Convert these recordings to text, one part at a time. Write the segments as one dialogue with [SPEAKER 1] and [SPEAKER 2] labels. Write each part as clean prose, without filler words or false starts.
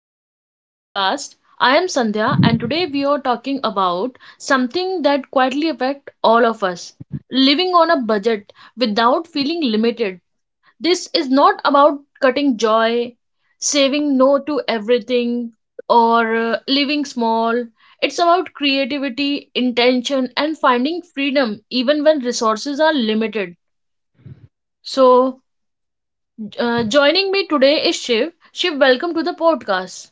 [SPEAKER 1] welcome to the podcast. I am Sandhya, and today we are talking about something that quietly affects all of us living on a budget without feeling limited. This is not about cutting joy, saving no to everything, or living small. It's about creativity, intention, and finding freedom even when resources are limited. So, joining me today is Shiv. Shiv, welcome to the podcast.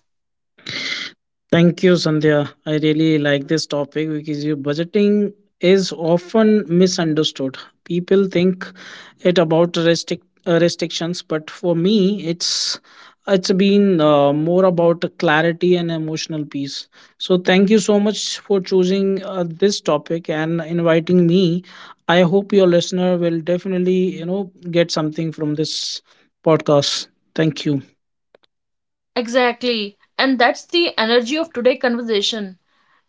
[SPEAKER 2] Thank you, Sandhya. I really like this topic because you budgeting is often misunderstood. People think it about restrictions, but for me, it's been more about clarity and emotional peace. So thank you so much for choosing this topic and inviting me. I hope your listener will definitely get something from this podcast. Thank you.
[SPEAKER 1] Exactly. And that's the energy of today's conversation.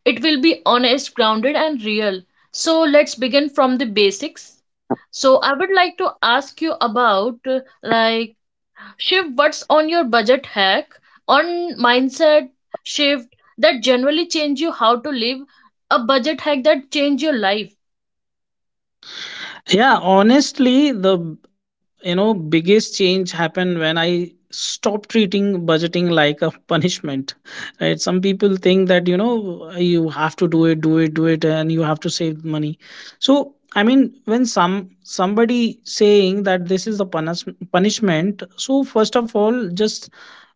[SPEAKER 1] It will be honest, grounded, and real. So let's begin from the basics. So I would like to ask you about like Shiv, what's on your budget hack on mindset shift that generally change you how to live a budget hack that change your life.
[SPEAKER 2] Yeah, honestly, the biggest change happened when I stopped treating budgeting like a punishment. Right? Some people think that you have to do it, do it, do it, and you have to save money. So I mean, when somebody saying that this is the punishment, so first of all, just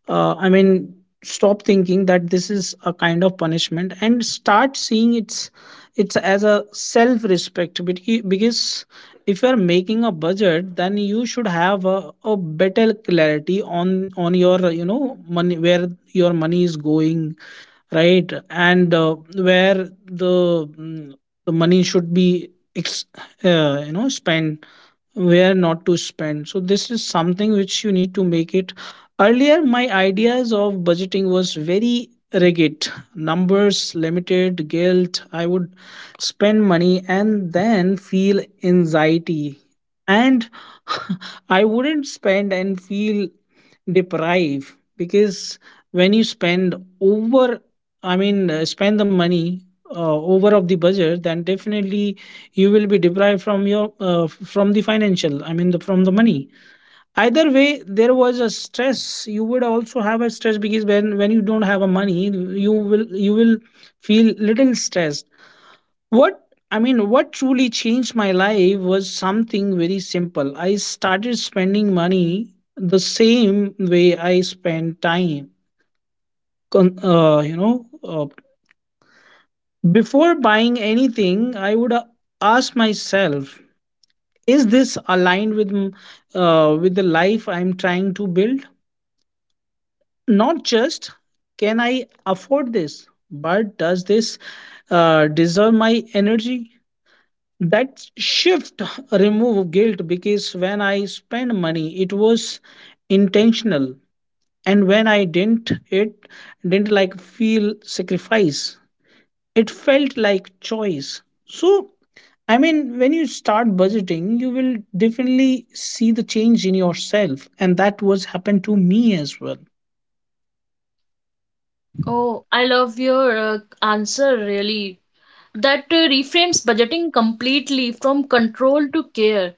[SPEAKER 2] uh, I mean, stop thinking that this is a kind of punishment and start seeing it's as a self respect. Because if you are making a budget, then you should have a better clarity on your money, where your money is going, right, and where the money should be spent, where not to spend, so this is something which you need to make it. Earlier my ideas of budgeting was very rigid, numbers, limited, guilt. I would spend money and then feel anxiety, and I wouldn't spend and feel deprive because when you over spend the money over of the budget, then definitely you will be deprived from your from the financial, from the money. Either way there was a stress. You would also have a stress because when you don't have a money, you will feel little stressed. What I mean, what truly changed my life was something very simple. I started spending money the same way I spend time. Con- uh, you know, uh, Before buying anything, I would ask myself, is this aligned with with the life I'm trying to build? Not just can I afford this, but does this deserve my energy? That shift remove guilt because when I spend money it was intentional, and when I didn't, it didn't like feel sacrifice, it felt like choice. So I mean, when you start budgeting you will definitely see the change in yourself, and that was happened to me as well.
[SPEAKER 1] Oh, I love your answer really. That reframes budgeting completely from control to care.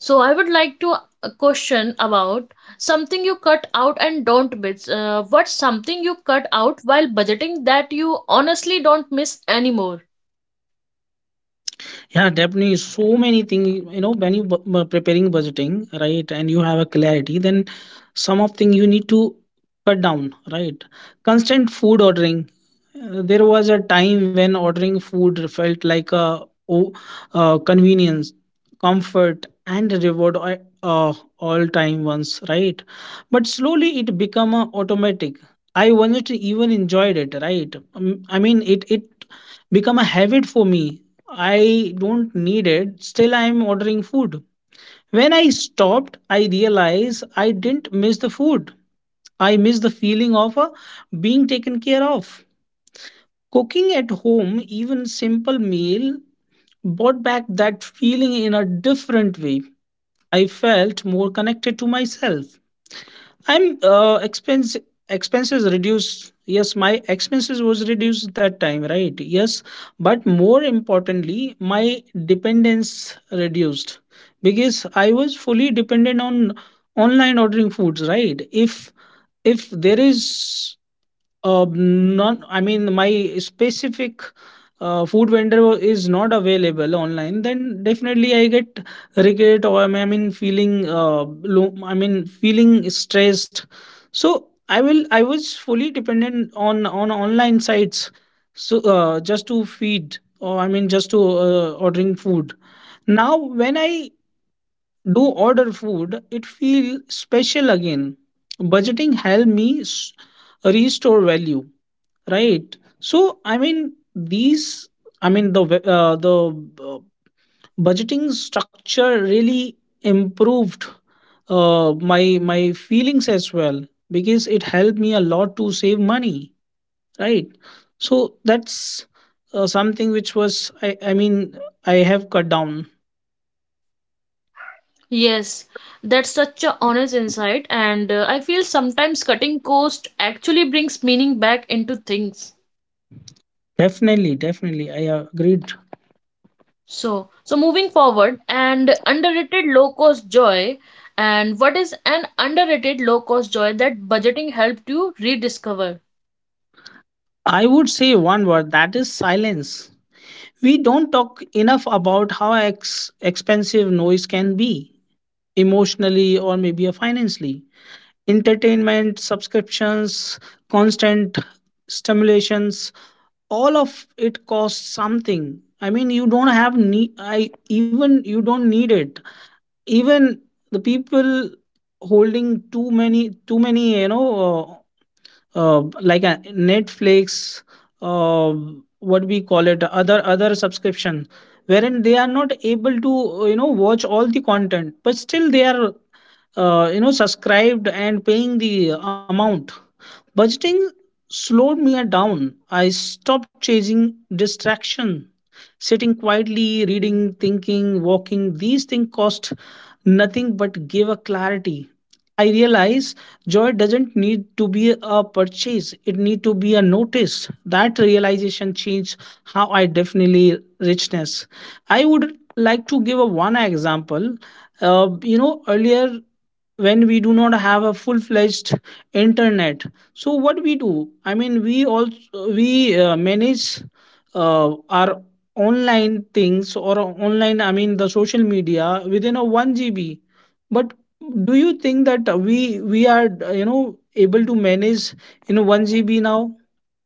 [SPEAKER 1] So I would like to question about something you cut out and don't miss. What's something you cut out while budgeting that you honestly don't miss anymore?
[SPEAKER 2] Yeah, definitely. So many things, you know, when you preparing budgeting, right, and you have a clarity, then some of thing you need to cut down, right? Constant food ordering. There was a time when ordering food felt like a oh, convenience, comfort, and reward all time once, right? But slowly it become a automatic. I once even enjoyed it, right? I mean, it become a habit for me. I don't need it. Still, I'm ordering food. When I stopped, I realized I didn't miss the food. I miss the feeling of being taken care of. Cooking at home, even simple meal, brought back that feeling in a different way. I felt more connected to myself. I'm expense Expenses reduced. Yes, my expenses was reduced that time, right? Yes, but more importantly, my dependence reduced because I was fully dependent on online ordering foods, right? If there is I mean, my specific food vendor is not available online, then definitely I get regret, or I mean feeling low, I mean feeling stressed. So I was fully dependent on online sites, so just to feed, or I mean just to ordering food. Now when I do order food, it feel special again. Budgeting help me restore value, right. So I mean these I mean the ve- the uh, budgeting structure really improved my feelings as well because it helped me a lot to save money, right. So that's something which I mean I have cut down.
[SPEAKER 1] Yes, that's such a honest insight, and I feel sometimes cutting cost actually brings meaning back into things.
[SPEAKER 2] Definitely, I agreed.
[SPEAKER 1] So, moving forward, and underrated low cost joy, and what is an underrated low cost joy that budgeting helped you rediscover?
[SPEAKER 2] I would say one word, that is silence. We don't talk enough about how expensive noise can be, emotionally or maybe financially. Entertainment, subscriptions, constant stimulations, all of it costs something. I mean, you don't have need, I even you don't need it. Even the people holding too many, you know. Like a Netflix, uh, what we call it, other subscription, wherein they are not able to watch all the content, but still they are subscribed and paying the amount. Budgeting slowed me down. I stopped chasing distraction, sitting quietly, reading, thinking, walking. These things cost nothing but give a clarity. I realize joy doesn't need to be a purchase, it need to be a notice. That realization changed how I definitely richness. I would like to give a one example. Earlier when we do not have a full fledged internet, so what we do, I mean we also we manage our online things or online, I mean the social media within a 1 GB. But do you think that we are, you know, able to manage in 1 GB now?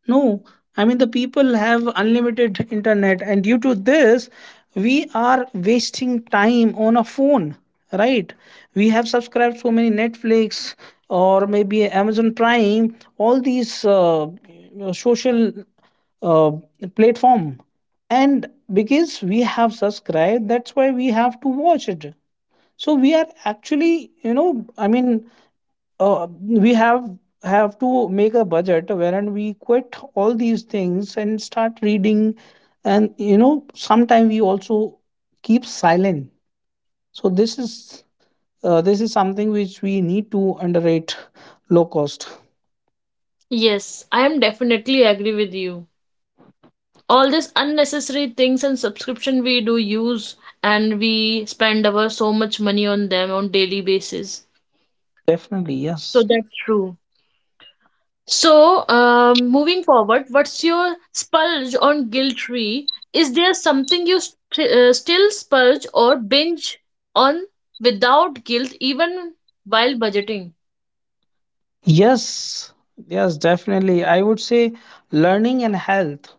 [SPEAKER 2] No, I mean, the people have unlimited internet, and due to this, we are wasting time on a phone, right? We have subscribed so many Netflix or maybe Amazon Prime, all these social uh, platform, and because we have subscribed, that's why we have to watch it. So we are actually, you know, I mean, we have to make a budget wherein we quit all these things and start reading, and you know sometimes we also keep silent. So this is, this is something which we need to underrate low cost.
[SPEAKER 1] Yes, I am definitely agree with you. All these unnecessary things and subscription we do use, and we spend our so much money on them on daily basis.
[SPEAKER 2] Definitely,
[SPEAKER 1] So
[SPEAKER 2] yes.
[SPEAKER 1] that's true. So, moving forward, what's your spurge on guilt tree? Is there something you still spurge or binge on without guilt even while budgeting?
[SPEAKER 2] Yes yes definitely, I would say learning and health.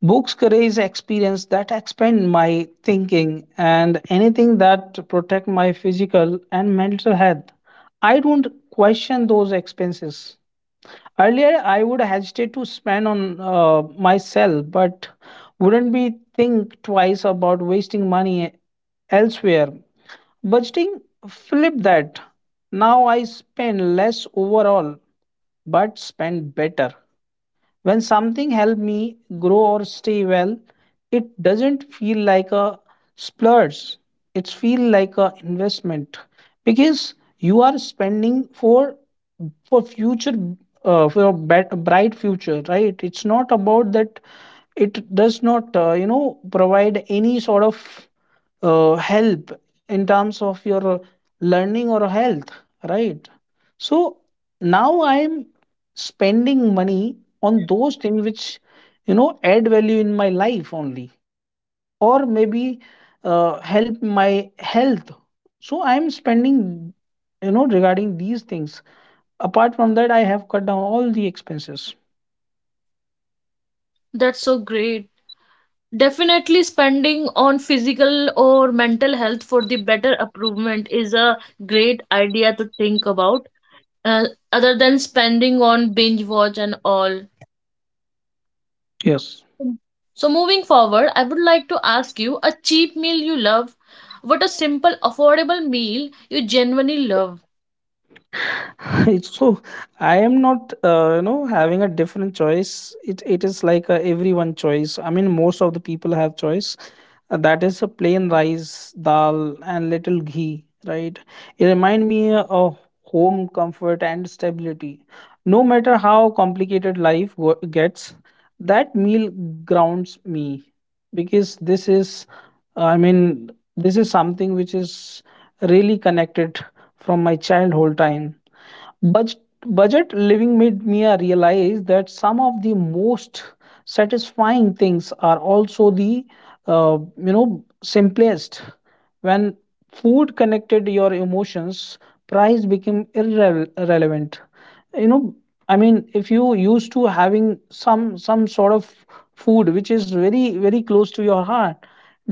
[SPEAKER 2] Books create experience that expand my thinking, and anything that protect my physical and mental health. I don't question those expenses. Earlier, I would hesitate to spend on myself, but wouldn't be think twice about wasting money elsewhere. Budgeting flipped that. Now I spend less overall, but spend better. When something helped me grow or stay well, it doesn't feel like a splurge. It feels like an investment because you are spending for future, for a bright future, right? It's not about that. It does not provide any sort of help in terms of your learning or health, right? So now I'm spending money on those things which, you know, add value in my life only, or maybe help my health. So I am spending, you know, regarding these things. Apart from that, I have cut down all the expenses.
[SPEAKER 1] That's so great. Definitely spending on physical or mental health for the better improvement is a great idea to think about, uh, other than spending on binge watch and all.
[SPEAKER 2] Yes.
[SPEAKER 1] So, moving forward, I would like to ask you a cheap meal you love. What a simple, affordable meal you genuinely love.
[SPEAKER 2] So I am not, having a different choice. It is like a everyone choice. I mean most of the people have choice. That is a plain rice, dal, and little ghee, right. It remind me of home, comfort and stability. No matter how complicated gets, that meal grounds me because this is, I mean, this is something which is really connected from my childhood time. Budget, Budget living made me realize that some of the most satisfying things are also the simplest. When food connected your emotions, price became irrelevant. You know, I mean, if you used to having some sort of food which is very very close to your heart,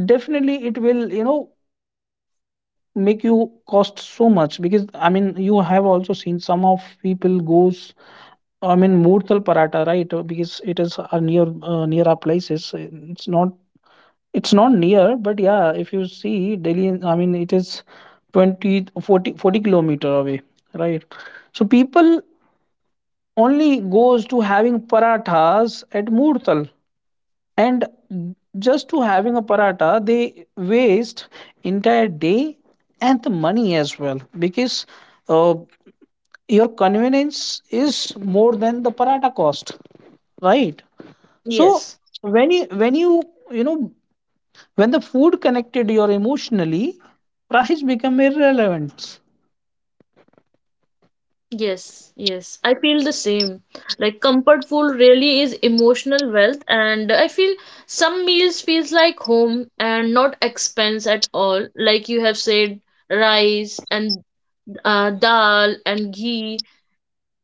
[SPEAKER 2] definitely it will, you know, make you cost so much because I mean you have also seen some of people goes, I mean murtal paratha, right. Because it is near our places. It's not, it's not near, but yeah, if you see Delhi, I mean it is twenty forty forty kilometer away, right. So people only goes to having parathas at murtal, and just to having a paratha they waste entire day and the money as well because uh, your convenience is more than the paratha cost, right. So
[SPEAKER 1] Yes.
[SPEAKER 2] when you you know, when the food connected your emotionally, price become irrelevant.
[SPEAKER 1] Yes, yes, I feel the same. Like comfort food really is emotional wealth, and I feel some meals feels like home and not expense at all. Like you have said, rice and dal and ghee,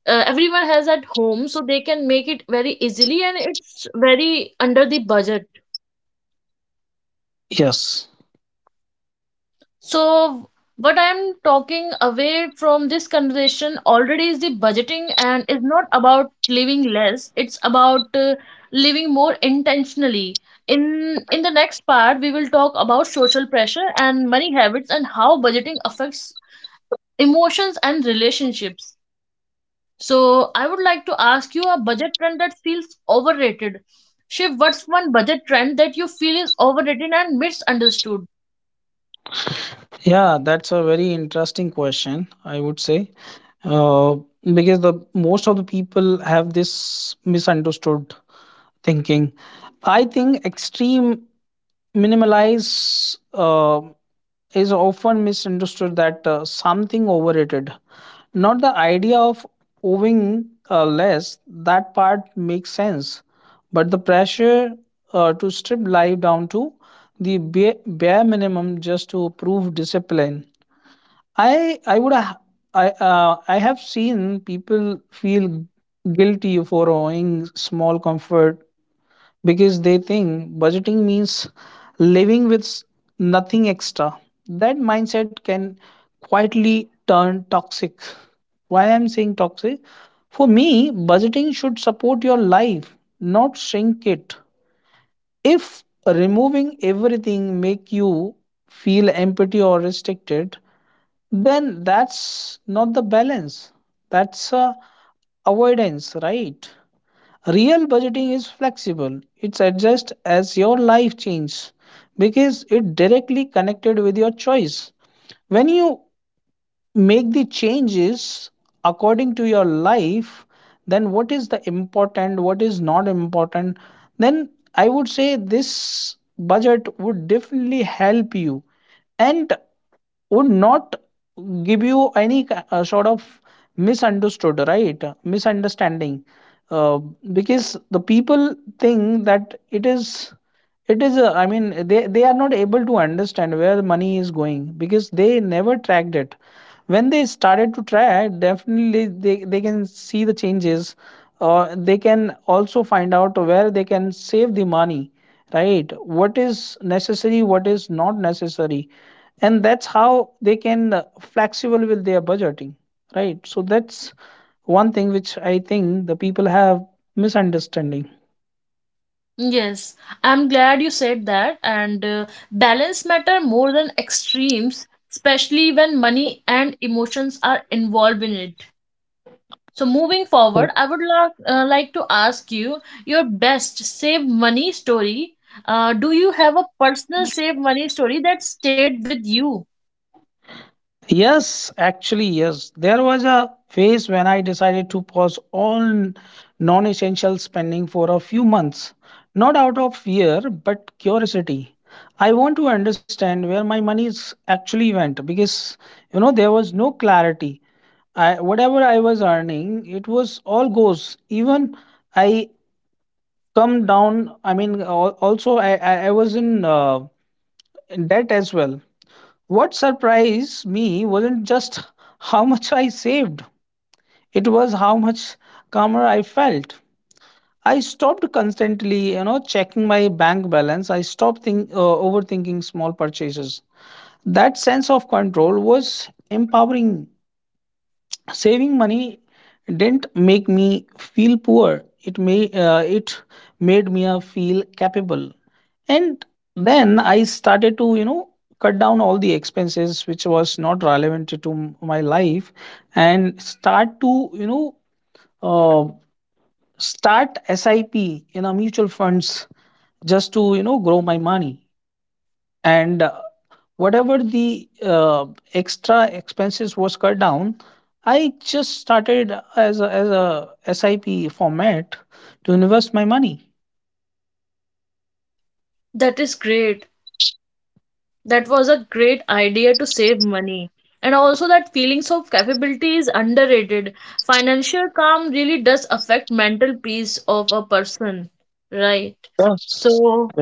[SPEAKER 1] everyone has at home, so they can make it very easily, and it's very under the budget.
[SPEAKER 2] Yes.
[SPEAKER 1] So, what I'm talking away from this conversation already is the budgeting, and is not about living less, it's about living more intentionally. In the next part, we will talk about social pressure and money habits and how budgeting affects emotions and relationships. So, I would like to ask you a budget trend that feels overrated. Shiv, what's one budget trend that you feel is overrated and misunderstood?
[SPEAKER 2] Yeah, that's a very interesting question, I would say. Uh, because the most of the people have this misunderstood thinking. I think extreme minimalize is often misunderstood that something overrated. Not the idea of owing less, that part makes sense, but the pressure to strip life down to the bare, bare minimum just to prove discipline. I I would ha- I have seen people feel guilty for owing small comfort because they think budgeting means living with nothing extra. That mindset can quietly turn toxic. Why I'm saying toxic? For me, budgeting should support your life, not shrink it. If removing everything make you feel empty or restricted, then that's not the balance. That's a avoidance, right? Real budgeting is flexible. It's adjust as your life changes because it directly connected with your choice. When you make the changes according to your life, then what is the important, what is not important, then I would say this budget would definitely help you. And would not give you any sort of misunderstood right misunderstanding uh, because the people think that it is I mean they are not able to understand where the money is going because they never tracked it. When they started to track, definitely they can see the changes. They can also find out where they can save the money, right? What is necessary, what is not necessary, and that's how they can flexible with their budgeting, right? So that's one thing which I think the people have misunderstanding.
[SPEAKER 1] Yes, I'm glad you said that. And balance matter more than extremes, especially when money and emotions are involved in it. So moving forward, I would like to ask you your best save money story. Do you have a personal save money story that stayed with you?
[SPEAKER 2] Yes, actually, yes. There was a phase when I decided to pause all non essential spending for a few months, not out of fear, but curiosity. I want to understand where my money is actually went because, there was no clarity. Whatever I was earning, it was all goes. Even I come down, I mean, also I was in debt as well. What surprised me wasn't just how much I saved, it was how much calmer I felt. I stopped constantly, checking my bank balance. I stopped overthinking small purchases. That sense of control was empowering. Saving money didn't make me feel poor, it made me feel capable. And then I started to cut down all the expenses which was not relevant to my life, and start to uh, start sip in a mutual funds just to grow my money. And whatever the extra expenses was cut down, I just started as a sip format to invest my money.
[SPEAKER 1] That is great. That was a great idea to save money. And also, that feelings of capability is underrated. Financial calm really does affect mental peace of a person, right?
[SPEAKER 2] Yes.
[SPEAKER 1] So,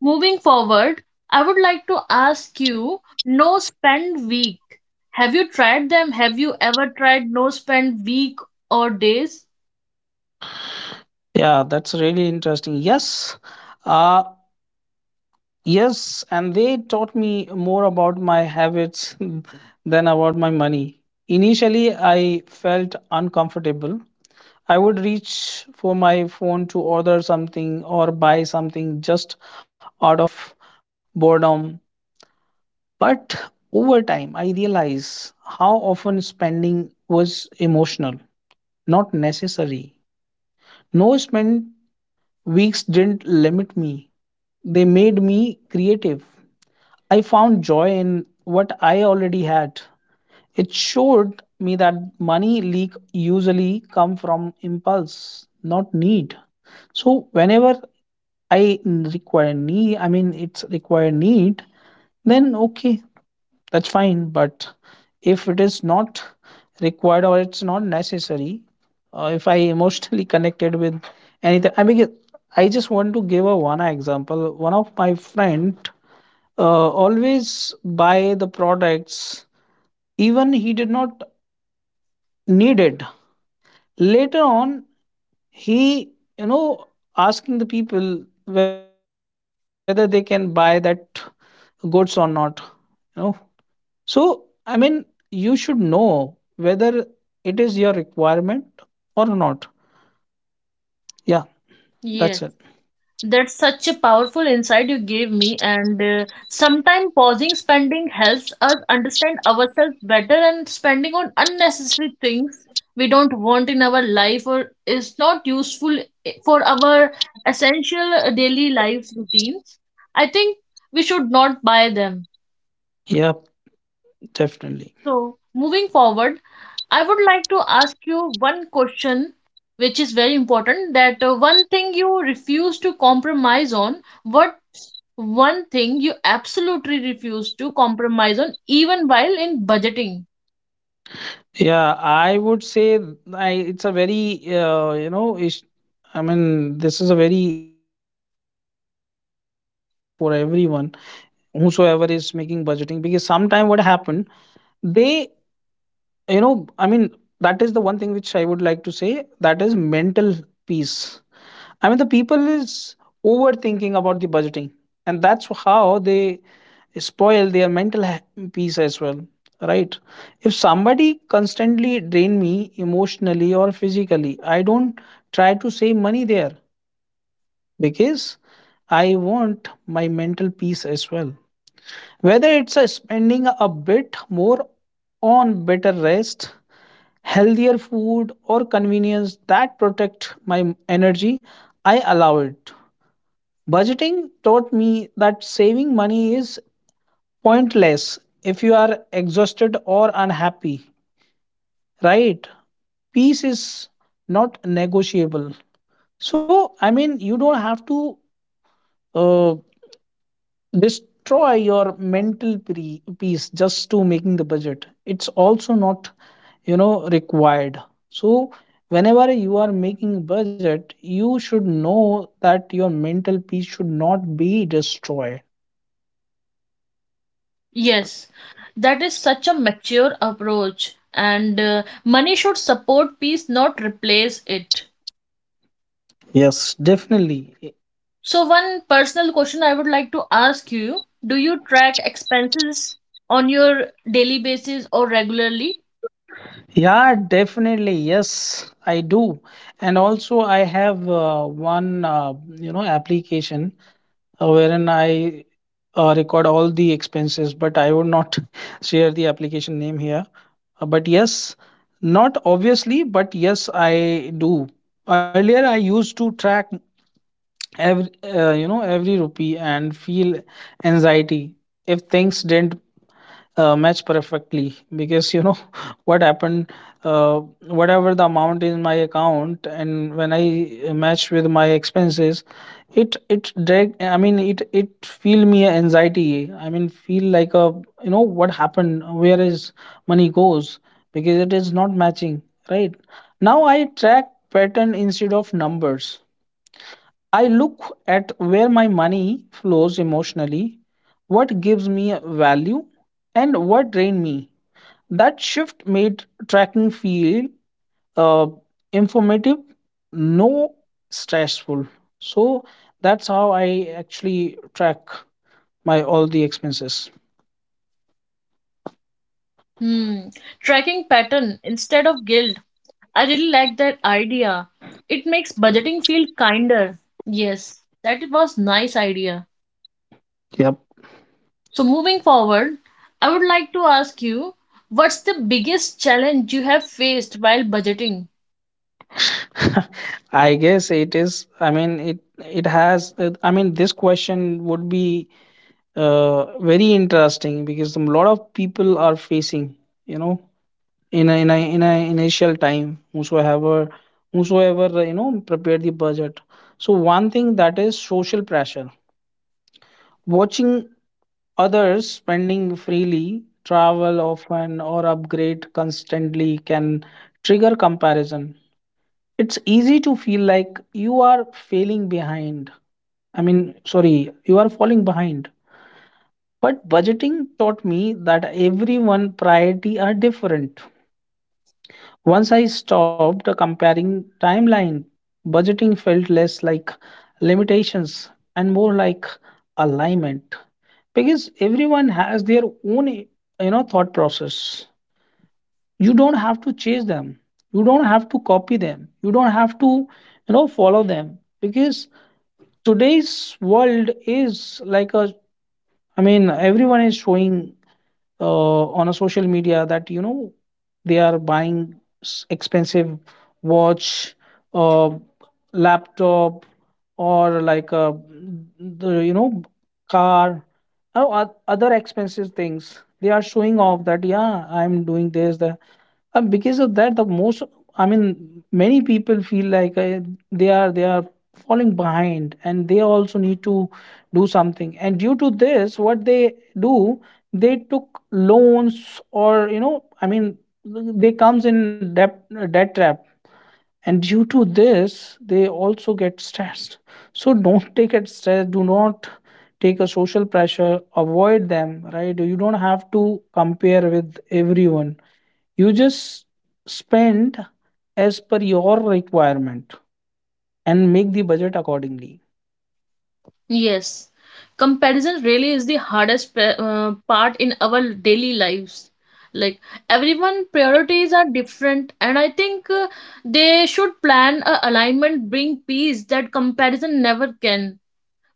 [SPEAKER 1] moving forward, I would like to ask you no spend week. Have you tried them? Have you ever tried no spend week or days?
[SPEAKER 2] Yeah, that's really interesting. Yes. uh yes, and they taught me more about my habits than about my money. Initially I felt uncomfortable. I would reach for my phone to order something or buy something just out of boredom. But over time, I realize how often spending was emotional, not necessary. No spend weeks didn't limit me, they made me creative. I found joy in what I already had. It showed me that money leak usually come from impulse, not need. So whenever I require need, I mean, it's require need, then okay, that's fine. But if it is not required or it's not necessary, if I emotionally connected with anything, I mean, I just want to give a one example. One of my friend uh, always buy the products, even he did not need it. Later on, he, asking the people whether they can buy that goods or not. You know, so I mean, you should know whether it is your requirement or not. Yeah, that's it.
[SPEAKER 1] Yes. That's such a powerful insight you gave me, and sometimes pausing spending helps us understand ourselves better. And spending on unnecessary things we don't want in our life or is not useful for our essential daily life routines, I think we should not buy them.
[SPEAKER 2] Yeah, definitely.
[SPEAKER 1] So, moving forward, I would like to ask you one question, which is very important. That one thing you refuse to compromise on, what's one thing you absolutely refuse to compromise on, even while in budgeting?
[SPEAKER 2] Yeah, I would say it's a very ish, I mean, this is a very important question for everyone, whosoever is making budgeting, because sometimes what happened, they I mean that is the one thing which I would like to say, that is mental peace. I mean the people is overthinking about the budgeting and that's how they spoil their mental peace as well, right? If somebody constantly drain me emotionally or physically, I don't try to save money there, because I want my mental peace as well. Whether it's a spending a bit more on better rest, healthier food or convenience that protect my energy, I allow it. Budgeting taught me that saving money is pointless if you are exhausted or unhappy, right? Peace is not negotiable. So I mean you don't have to uh, destroy your mental peace just to making the budget, it's also not required. So whenever you are making budget you should know that your mental peace should not be destroyed.
[SPEAKER 1] Yes, that is such a mature approach, and money should support peace, not replace it.
[SPEAKER 2] Yes, definitely.
[SPEAKER 1] So, one personal question I would like to ask you. Do you track expenses on your daily basis or regularly?
[SPEAKER 2] Yeah, definitely, yes I do. And also I have one application wherein I record all the expenses, but I would not share the application name here. But yes, not obviously, but yes, I do. Earlier, I used to track every rupee and feel anxiety if things didn't match perfectly because what happened. uh, Whatever the amount in my account and when I match with my expenses, it drag, I mean it feel me a anxiety, I mean feel like a what happened, where is money goes, because it is not matching, right? Now I track pattern instead of numbers. I look at where my money flows emotionally, what gives me value, and what drains me. That shift made tracking feel uh, informative, no stressful. So that's how I actually track my all the expenses.
[SPEAKER 1] Hmm. Tracking pattern instead of guilt. I really like that idea. It makes budgeting feel kinder. Yes, that was nice idea.
[SPEAKER 2] Yep.
[SPEAKER 1] So moving forward, I would like to ask you, what's the biggest challenge you have faced while budgeting?
[SPEAKER 2] I guess it is. I mean, it has. I mean, this question would be very interesting because a lot of people are facing, you know, in a initial time, whosoever whosoever you know prepare the budget. So one thing that is social pressure. Watching others spending freely, travel often, or upgrade constantly can trigger comparison. It's easy to feel like you are failing behind. I mean, sorry, you are falling behind. But budgeting taught me that everyone priority are different. Once I stopped comparing timeline, budgeting felt less like limitations and more like alignment, because everyone has their own thought process. You don't have to chase them. You don't have to copy them. You don't have to follow them, because today's world is like a, I mean everyone is showing on a social media that they are buying expensive watch, uh, laptop, or like the car, or other expensive things they are showing off that yeah I'm doing this that. And because of that the most, I mean many people feel like they are falling behind and they also need to do something, and due to this what they do, they took loans or I mean, they comes in debt trap, and due to this, they also get stressed. So don't take it stress. Do not take a social pressure. Avoid them. Right? You don't have to compare with everyone. You just spend as per your requirement and make the budget accordingly.
[SPEAKER 1] Yes, comparison really is the hardest part in our daily lives. Like everyone priorities are different, and I think they should plan a alignment bring peace that comparison never can.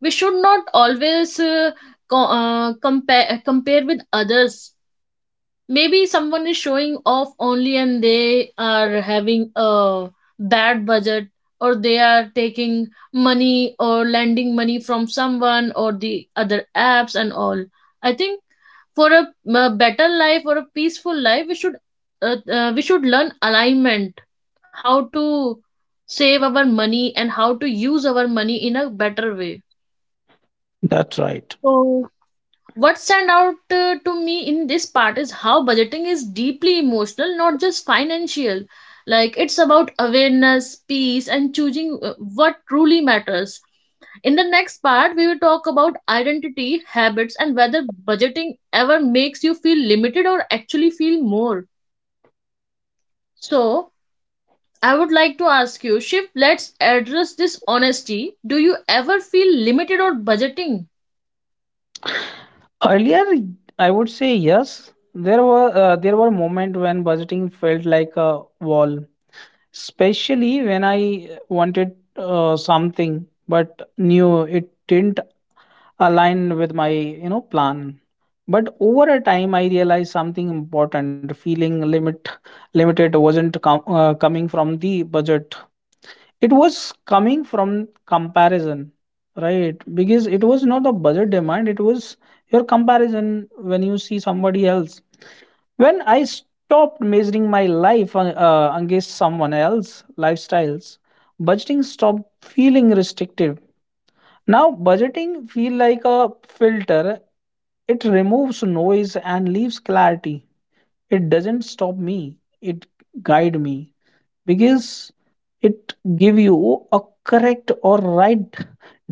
[SPEAKER 1] We should not always compare with others, maybe someone is showing off only and they are having a bad budget, or they are taking money or lending money from someone or the other apps and all. I think for a better life or a peaceful life, we should learn alignment, how to save our money and how to use our money in a better way.
[SPEAKER 2] That's right.
[SPEAKER 1] So, what stand out to me in this part is how budgeting is deeply emotional, not just financial. Like, it's about awareness, peace, and choosing what truly matters. In the next part, we will talk about identity habits and whether budgeting ever makes you feel limited or actually feel more. So, I would like to ask you, Shiv, let's address this honesty. Do you ever feel limited or budgeting?
[SPEAKER 2] Earlier, I would say yes. There were moments when budgeting felt like a wall, especially when I wanted something but knew it didn't aligned with my plan. But over a time I realized something important: feeling limited wasn't coming from the budget, it was coming from comparison, right? Because it was not the budget demand, it was your comparison, when you see somebody else. When I stopped measuring my life against someone else lifestyles, budgeting stopped feeling restrictive. Now, budgeting feel like a filter. It removes noise and leaves clarity. It doesn't stop me. It guide me, because it give you a correct or right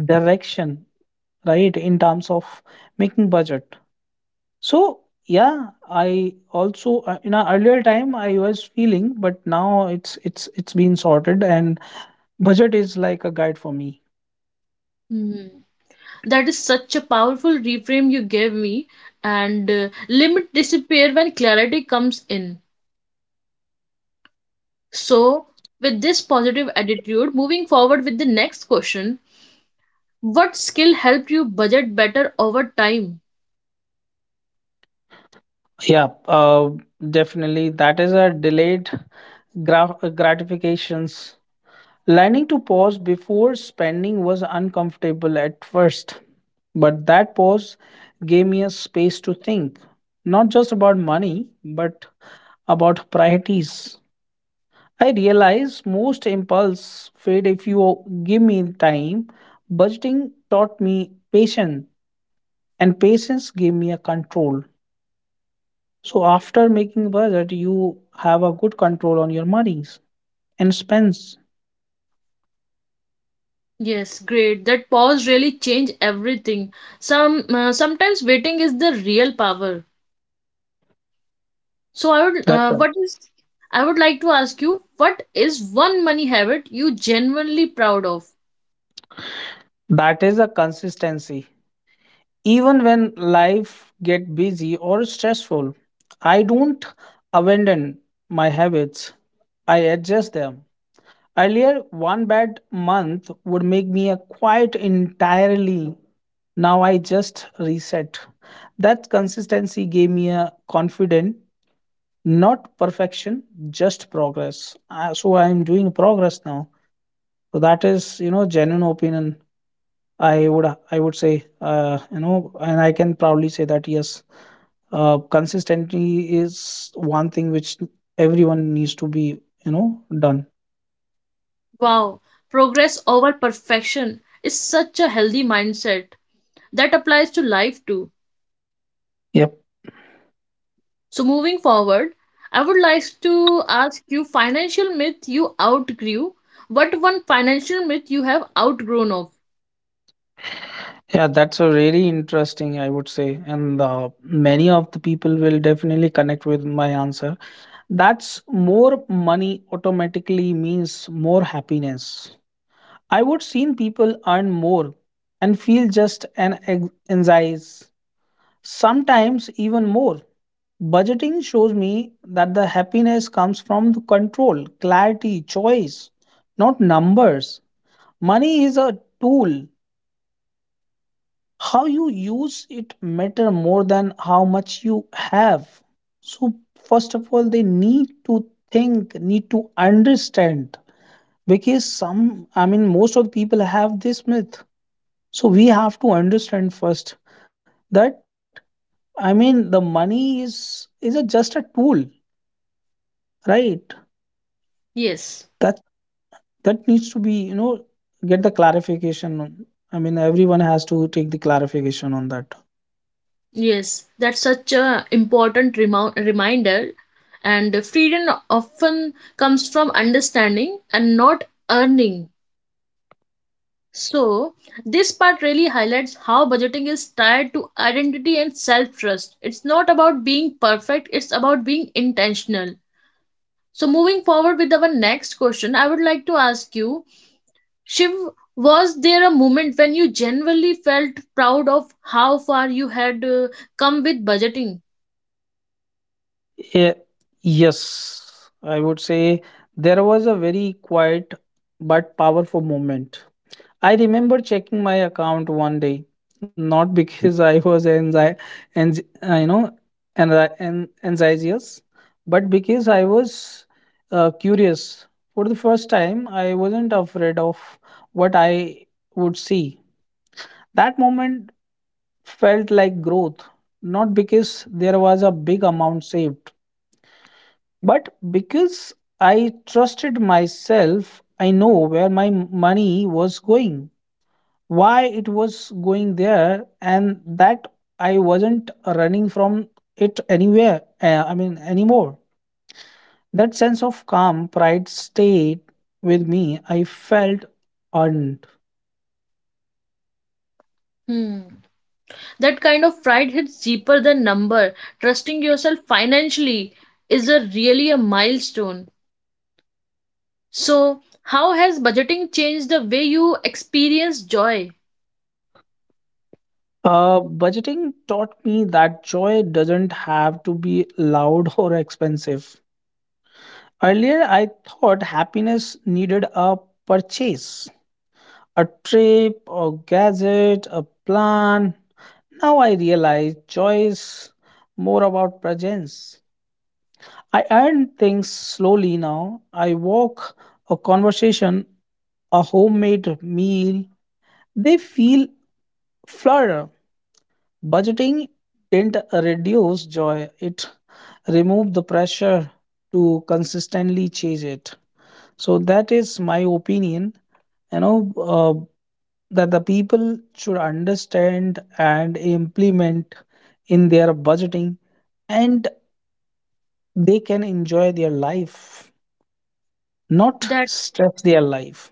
[SPEAKER 2] direction, right, in terms of making budget. So yeah, I also in an earlier time I was feeling, but now it's been sorted and budget is like a guide for me.
[SPEAKER 1] Hmm. That is such a powerful reframe you gave me, and limit disappear when clarity comes in. So, with this positive attitude, moving forward with the next question. What skill helped you budget better over time?
[SPEAKER 2] Yeah, definitely that is a delayed gratifications. Learning to pause before spending was uncomfortable at first, but that pause gave me a space to think, not just about money, but about priorities. I realize most impulse fade if you give me time. Budgeting taught me patience, and patience gave me a control. So after making budget, you have a good control on your monies and spends.
[SPEAKER 1] Yes, great. That pause really changed everything. Sometimes waiting is the real power. So
[SPEAKER 2] That's right.
[SPEAKER 1] I would like to ask you, what is one money habit you genuinely proud of?
[SPEAKER 2] That is a consistency. Even when life get busy or stressful, I don't abandon my habits. I adjust them. Earlier, one bad month would make me a quiet entirely. Now I just reset. That consistency gave me a confident, not perfection, just progress. So I am doing progress now. So that is, genuine opinion I would I would say and I can proudly say that yes, consistency is one thing which everyone needs to be done.
[SPEAKER 1] Wow, progress over perfection is such a healthy mindset that applies to life too.
[SPEAKER 2] Yep.
[SPEAKER 1] So, moving forward, I would like to ask you financial myth you outgrew. What one financial myth you have outgrown of?
[SPEAKER 2] Yeah, that's a really interesting, I would say, and many of the people will definitely connect with my answer. That's more money automatically means more happiness. I would seen people earn more and feel just an anxiety, sometimes even more. Budgeting shows me that the happiness comes from the control, clarity, choice, not numbers. Money is a tool. How you use it matter more than how much you have. So first of all, they need to think, need to understand because some, I mean, most of the people have this myth. So we have to understand first that I mean the money is a, just a tool, right?
[SPEAKER 1] Yes,
[SPEAKER 2] That. That needs to be get the clarification on. I mean everyone has to take the clarification on that.
[SPEAKER 1] yes, that's such a important reminder. And freedom often comes from understanding and not earning. So, this part really highlights how budgeting is tied to identity and self trust. It's not about being perfect, it's about being intentional. So, moving forward with our next question, I would like to ask you Shiv, was there a moment when you genuinely felt proud of how far you had come with budgeting?
[SPEAKER 2] Eh, yes, I would say there was a very quiet but powerful moment. I remember checking my account one day, not because I was anx- uh, you know anxious, but because I was curious. For the first time I wasn't afraid of what I would see. That moment felt like growth, not because there was a big amount saved, but because I trusted myself. I know where my money was going, why it was going there, and that I wasn't running from it anymore. That sense of calm pride stayed with me. I felt earned.
[SPEAKER 1] Hmm. That kind of pride hits deeper than number. Trusting yourself financially is a really a milestone. So, how has budgeting changed the way you experience joy?
[SPEAKER 2] Budgeting taught me that joy doesn't have to be loud or expensive. Earlier, I thought happiness needed a purchase, a trip, a gadget, a plan. Now I realize joy is more about presence. I earn things slowly now. I walk, a conversation, a homemade meal. They feel flour. Budgeting didn't reduce joy, it removed the pressure to consistently chase it. So, that is my opinion. You know, uh, that the people should understand and implement in their budgeting and they can enjoy their life, not
[SPEAKER 1] That,
[SPEAKER 2] stress their life.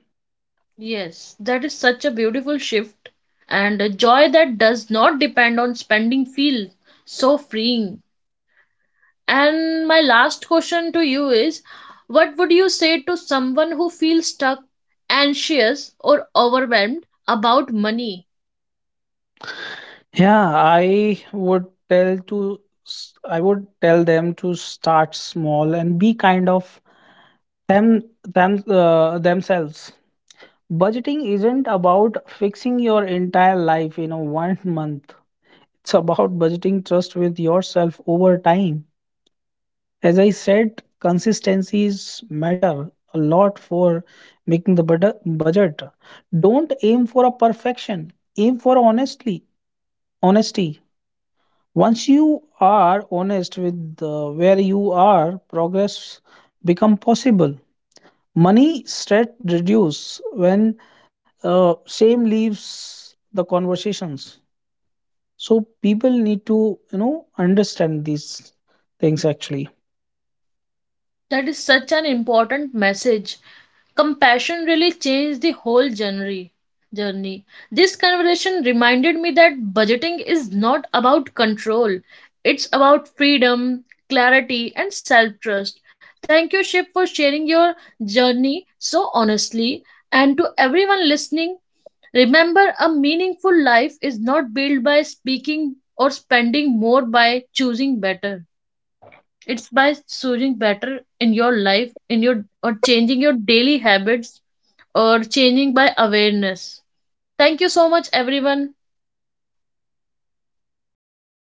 [SPEAKER 1] yes, that is such a beautiful shift. And a joy that does not depend on spending feels so freeing. And my last question to you is what would you say to someone who feels stuck, anxious, or overwhelmed about money?
[SPEAKER 2] Yeah, I would tell them to start small and be kind of them themselves. Budgeting isn't about fixing your entire life in a one month, it's about budgeting trust with yourself over time. As I said, consistencies matter a lot for making the budget. Don't aim for a perfection, aim for honestly honesty. Once you are honest with where you are, progress become possible. Money stress reduce when shame leaves the conversations. So people need to understand these things actually.
[SPEAKER 1] That is such an important message. Compassion really changed the whole journey. This conversation reminded me that budgeting is not about control, it's about freedom, clarity, and self trust. Thank you, ship, for sharing your journey so honestly. And to everyone listening, remember, a meaningful life is not built by speaking or spending more by choosing better. It's by choosing better in your life, in your, or changing your daily habits, or changing by awareness. Thank you so much, everyone.